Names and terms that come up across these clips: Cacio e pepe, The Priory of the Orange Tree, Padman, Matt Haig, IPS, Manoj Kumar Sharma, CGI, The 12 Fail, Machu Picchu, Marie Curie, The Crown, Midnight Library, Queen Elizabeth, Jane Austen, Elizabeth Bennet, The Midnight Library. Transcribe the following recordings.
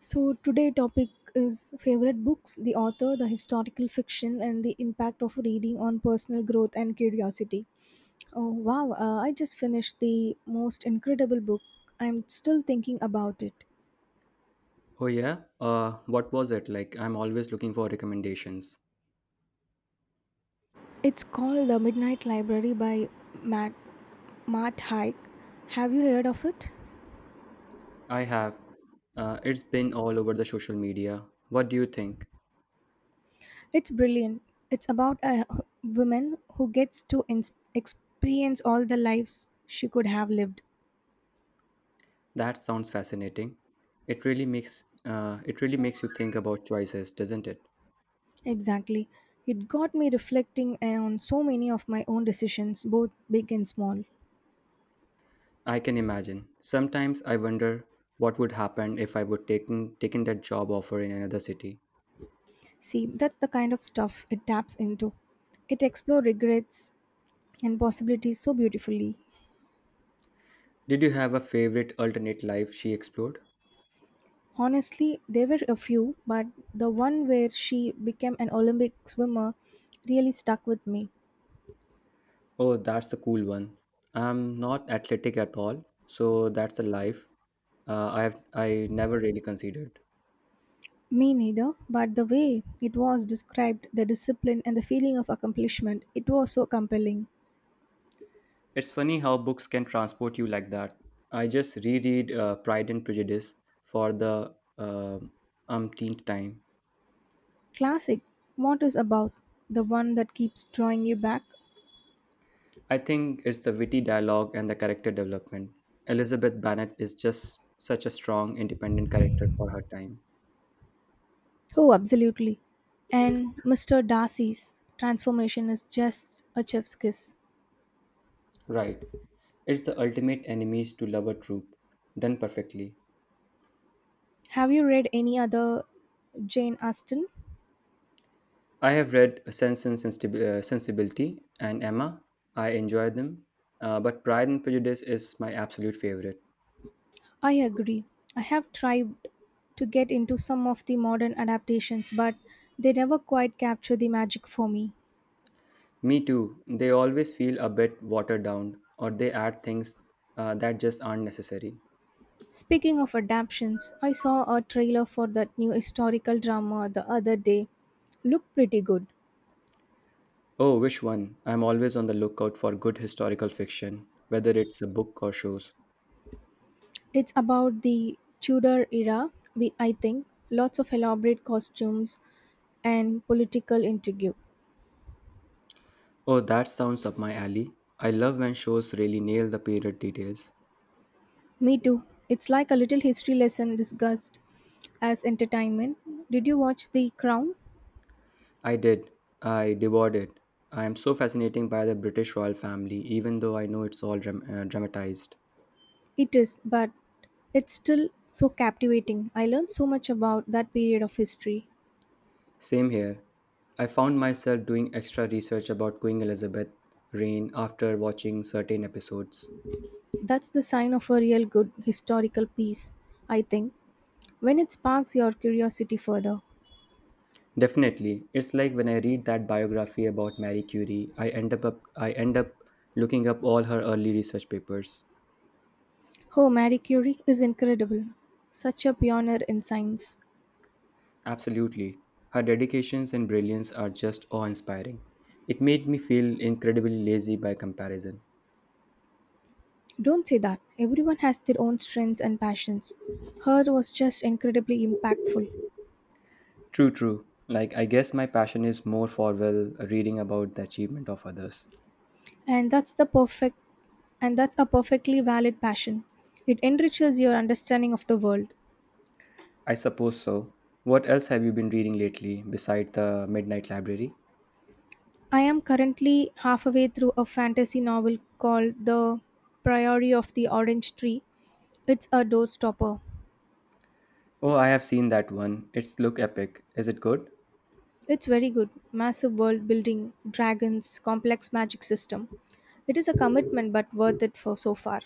So today topic is favorite books, the author, the historical fiction, and the impact of reading on personal growth and curiosity. Oh wow! I just finished the most incredible book. I'm still thinking about it. Oh, yeah. What was it? Like, I'm always looking for recommendations. It's called The Midnight Library by Matt Matt Haig. Have you heard of it? I have. It's been all over the social media. What do you think? It's brilliant. It's about a h- woman who gets to experience all the lives she could have lived. That sounds fascinating. It really makes you think about choices, doesn't it? Exactly. It got me reflecting on so many of my own decisions, both big and small. I can imagine. Sometimes I wonder what would happen if I would taken that job offer in another city. See, that's the kind of stuff it taps into. It explores regrets and possibilities so beautifully. Did you have a favorite alternate life she explored? Honestly, there were a few, but the one where she became an Olympic swimmer really stuck with me. Oh, that's a cool one. I'm not athletic at all, so that's a life I never really considered. Me neither, but the way it was described, the discipline and the feeling of accomplishment, it was so compelling. It's funny how books can transport you like that. I just reread Pride and Prejudice for the umpteenth time. Classic, what is about the one that keeps drawing you back? I think it's the witty dialogue and the character development. Elizabeth Bennet is just such a strong, independent character for her time. Oh, absolutely. And Mr. Darcy's transformation is just a chef's kiss. Right. It's the ultimate enemies to lover trope, done perfectly. Have you read any other Jane Austen? I have read Sensibility and Emma. I enjoy them, but Pride and Prejudice is my absolute favorite. I agree. I have tried to get into some of the modern adaptations, but they never quite capture the magic for me. Me too. They always feel a bit watered down, or they add things that just aren't necessary. Speaking of adaptations, I saw a trailer for that new historical drama the other day. Looked pretty good. Oh, which one? I'm always on the lookout for good historical fiction, whether it's a book or shows. It's about the Tudor era, we, I think. Lots of elaborate costumes and political intrigue. Oh, that sounds up my alley. I love when shows really nail the period details. Me too. It's like a little history lesson discussed as entertainment. Did you watch The Crown? I did. I devoured it. I am so fascinating by the British royal family, even though I know it's all dramatized. It is, but it's still so captivating. I learned so much about that period of history. Same here. I found myself doing extra research about Queen Elizabeth reign after watching certain episodes. That's the sign of a real good historical piece, I think, when it sparks your curiosity further. Definitely, it's like when I read that biography about Marie Curie, I end up looking up all her early research papers. Oh, Marie Curie is incredible. Such a pioneer in science. Absolutely. Her dedications and brilliance are just awe-inspiring. It made me feel incredibly lazy by comparison. Don't say that. Everyone has their own strengths and passions. Her was just incredibly impactful. True, true. Like, I guess my passion is more for, well, reading about the achievement of others. And that's the perfect and that's a perfectly valid passion. It enriches your understanding of the world. I suppose so. What else have you been reading lately beside the Midnight Library? I am currently halfway through a fantasy novel called The Priory of the Orange Tree. It's a doorstopper. Oh, I have seen that one. It's look epic. Is it good? It's very good. Massive world building, dragons, complex magic system. It is a commitment but worth it for so far.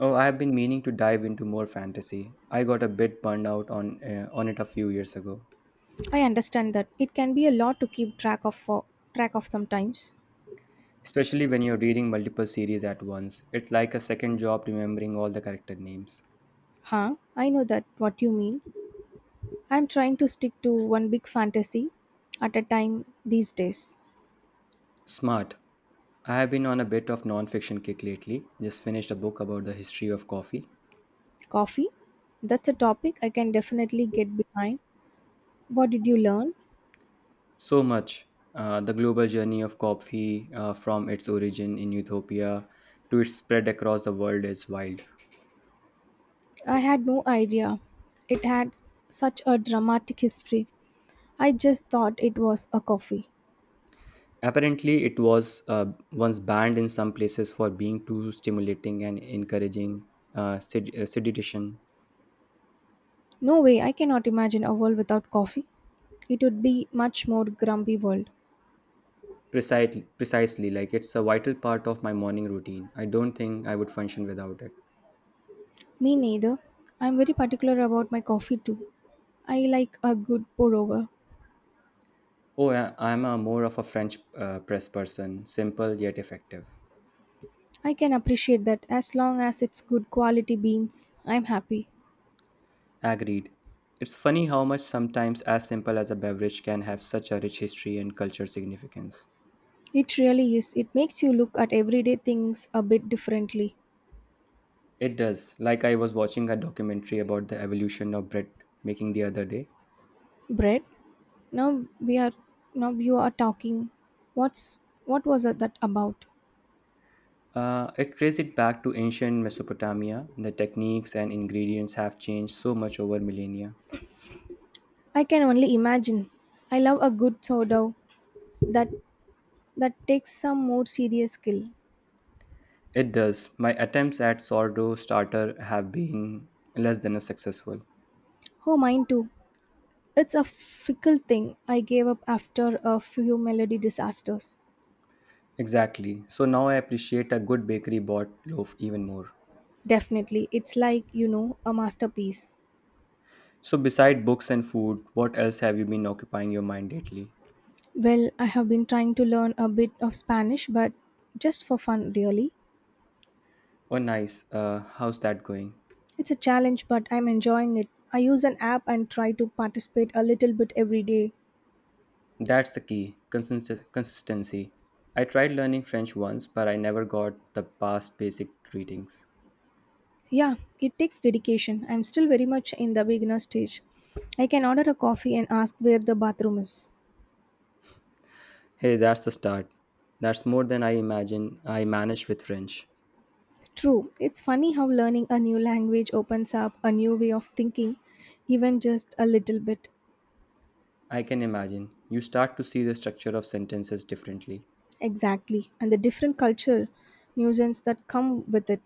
Oh, I have been meaning to dive into more fantasy. I got a bit burned out on it a few years ago. I understand that it can be a lot to keep track of sometimes. Especially when you're reading multiple series at once. It's like a second job remembering all the character names. Huh? I know that what you mean. I'm trying to stick to one big fantasy at a time these days. Smart. I have been on a bit of non-fiction kick lately. Just finished a book about the history of coffee. Coffee? That's a topic I can definitely get behind. What did you learn? So much. The global journey of coffee from its origin in Ethiopia to its spread across the world is wild. I had no idea. It had such a dramatic history. I just thought it was a coffee. Apparently, it was once banned in some places for being too stimulating and encouraging sedition. No way, I cannot imagine a world without coffee. It would be much more grumpy world. Precisely, precisely, like it's a vital part of my morning routine. I don't think I would function without it. Me neither. I'm very particular about my coffee too. I like a good pour over. Oh, I'm a more of a French press person, simple yet effective. I can appreciate that as long as it's good quality beans. I'm happy. Agreed. It's funny how much sometimes as simple as a beverage can have such a rich history and culture significance. It really is. It makes you look at everyday things a bit differently. It does. Like I was watching a documentary about the evolution of bread making the other day. Bread. Now we are Now you are talking. What's what was that about? It traced it back to ancient Mesopotamia. The techniques and ingredients have changed so much over millennia. I can only imagine. I love a good sourdough that that takes some more serious skill. It does. My attempts at sourdough starter have been less than a successful. Oh, mine too. It's a fickle thing. I gave up after a few melody disasters. Exactly. So now I appreciate a good bakery bought loaf even more. Definitely. It's like, a masterpiece. So beside books and food, what else have you been occupying your mind lately? Well, I have been trying to learn a bit of Spanish, but just for fun, really. Oh, nice. How's that going? It's a challenge, but I'm enjoying it. I use an app and try to participate a little bit every day. That's the key. Consistency. I tried learning French once, but I never got the past basic greetings. Yeah, it takes dedication. I'm still very much in the beginner stage. I can order a coffee and ask where the bathroom is. Hey, that's the start. That's more than I imagine I managed with French. True, it's funny how learning a new language opens up a new way of thinking, even just a little bit. I can imagine. You start to see the structure of sentences differently. Exactly. And the different culture nuisance that come with it.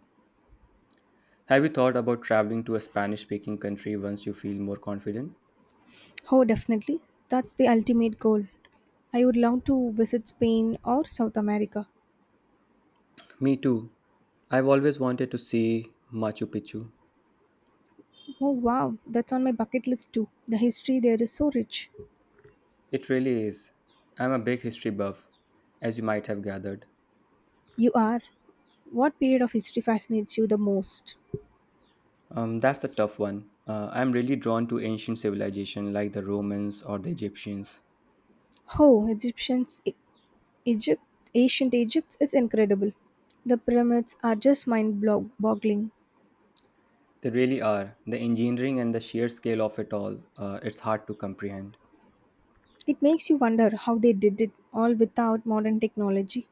Have you thought about traveling to a Spanish speaking country once you feel more confident? Oh, definitely. That's the ultimate goal. I would love to visit Spain or South America. Me too. I've always wanted to see Machu Picchu. Oh, wow. That's on my bucket list too. The history there is so rich. It really is. I'm a big history buff, as you might have gathered. You are. What period of history fascinates you the most? That's a tough one. I'm really drawn to ancient civilization like the Romans or the Egyptians. Oh, Egypt, ancient Egypt is incredible. The pyramids are just mind boggling. They really are. The engineering and the sheer scale of it all, it's hard to comprehend. It makes you wonder how they did it all without modern technology.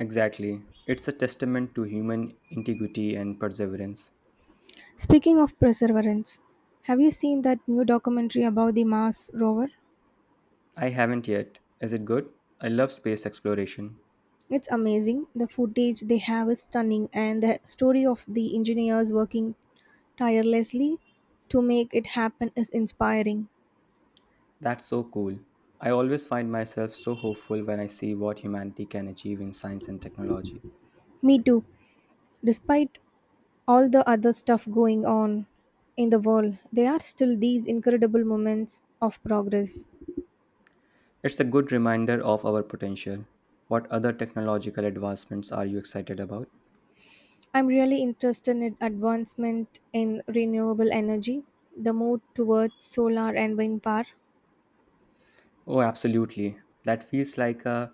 Exactly. It's a testament to human integrity and perseverance. Speaking of perseverance, have you seen that new documentary about the Mars rover? I haven't yet. Is it good? I love space exploration. It's amazing. The footage they have is stunning, and the story of the engineers working tirelessly to make it happen is inspiring. That's so cool. I always find myself so hopeful when I see what humanity can achieve in science and technology. Me too. Despite all the other stuff going on in the world, there are still these incredible moments of progress. It's a good reminder of our potential. What other technological advancements are you excited about? I'm really interested in advancement in renewable energy, the move towards solar and wind power. Oh, absolutely. That feels like a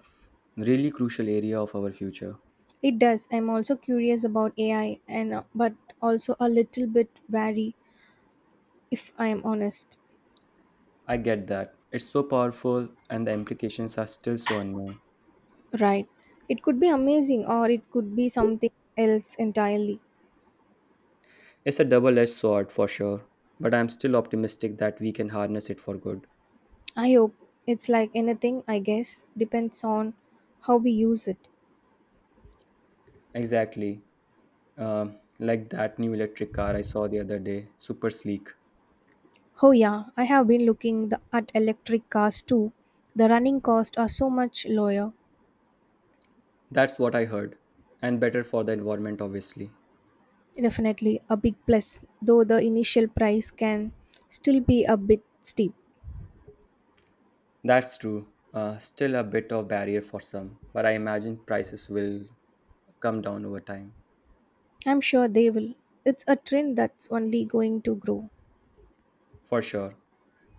really crucial area of our future. It does. I'm also curious about AI and but also a little bit wary if I am honest. I get that. It's so powerful and the implications are still so unknown. Right. It could be amazing or it could be something else entirely. It's a double edged sword for sure, but I'm still optimistic that we can harness it for good. I hope it's like anything, I guess, depends on how we use it. Exactly. Uh, like that new electric car I saw the other day, super sleek. Oh yeah, I have been at electric cars too. The running costs are so much lower. That's what I heard. And better for the environment, obviously. Definitely a big plus, though the initial price can still be a bit steep. That's true. Still a bit of barrier for some, but I imagine prices will come down over time, I'm sure they will. It's a trend that's only going to grow. for sure.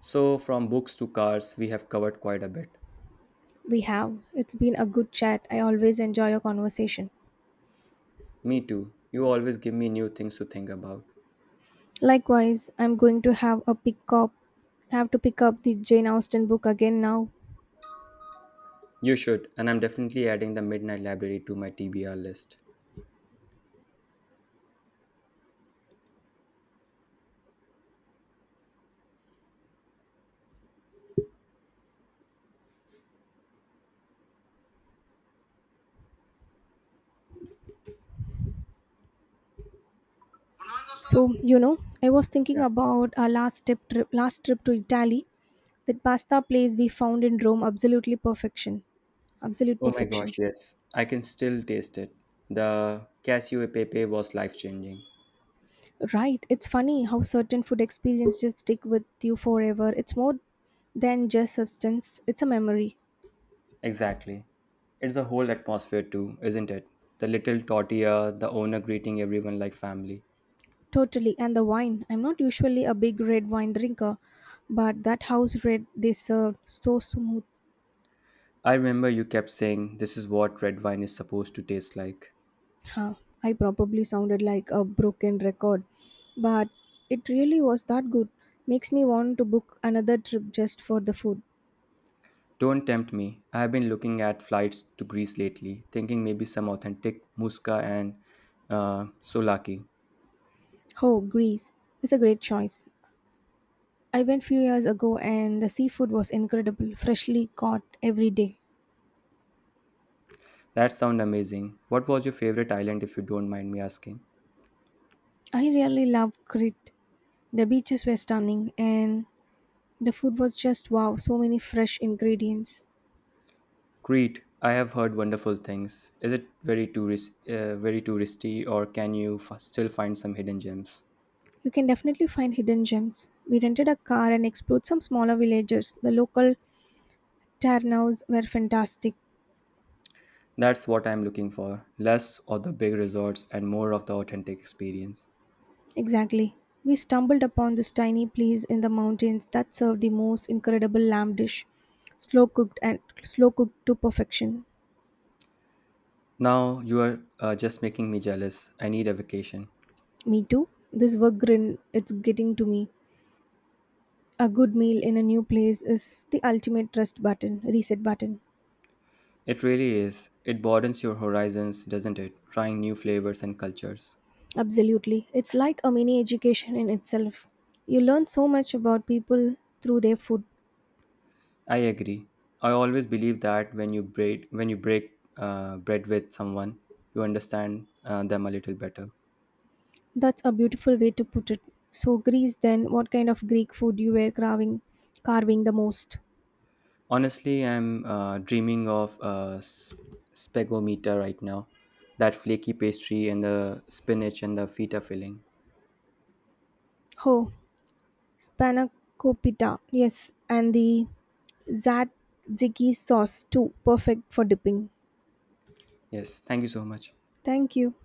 So, from books to cars, we have covered quite a bit. We have. It's been a good chat. I always enjoy your conversation. Me too. You always give me new things to think about. Likewise, I'm going to have to pick up the Jane Austen book again now. You should, and I'm definitely adding the Midnight Library to my TBR list. So, I was thinking Yeah. about our last trip to Italy. That pasta place we found in Rome absolutely perfection. Absolute Oh my perfection. gosh, yes. I can still taste it. The Casio e pepe was life-changing. Right. It's funny how certain food experiences just stick with you forever. It's more than just substance, it's a memory. Exactly. It's a whole atmosphere too, isn't it? The little tortilla, the owner greeting everyone like family. Totally. And the wine. I'm not usually a big red wine drinker, but that house red they served so smooth. I remember you kept saying this is what red wine is supposed to taste like. Huh. I probably sounded like a broken record, but it really was that good. Makes me want to book another trip just for the food. Don't tempt me. I have been looking at flights to Greece lately, thinking maybe some authentic muska and souvlaki. Oh, Greece. It's a great choice. I went few years ago and the seafood was incredible, freshly caught every day. That sound amazing. What was your favorite island if you don't mind me asking? I really love Crete. The beaches were stunning and the food was just wow, so many fresh ingredients. Crete, I have heard wonderful things. Is it very tourist, very touristy, or can you still find some hidden gems? You can definitely find hidden gems. We rented a car and explored some smaller villages. The local tavernas were fantastic. That's what I'm looking for: less of the big resorts and more of the authentic experience. Exactly. We stumbled upon this tiny place in the mountains that served the most incredible lamb dish, slow cooked to perfection. Now you are just making me jealous. I need a vacation. Me too. This work grin, it's getting to me. A good meal in a new place is the ultimate reset button. It really is. It broadens your horizons, doesn't it? Trying new flavors and cultures. Absolutely. It's like a mini education in itself. You learn so much about people through their food. I agree. I always believe that when you break bread with someone, you understand them a little better. That's a beautiful way to put it. So Greece then, what kind of Greek food you were carving the most? Honestly, I'm dreaming of a spegometer right now. That flaky pastry and the spinach and the feta filling. Oh, spanakopita. Yes, and the tzatziki sauce too, perfect for dipping. Yes, thank you so much. Thank you.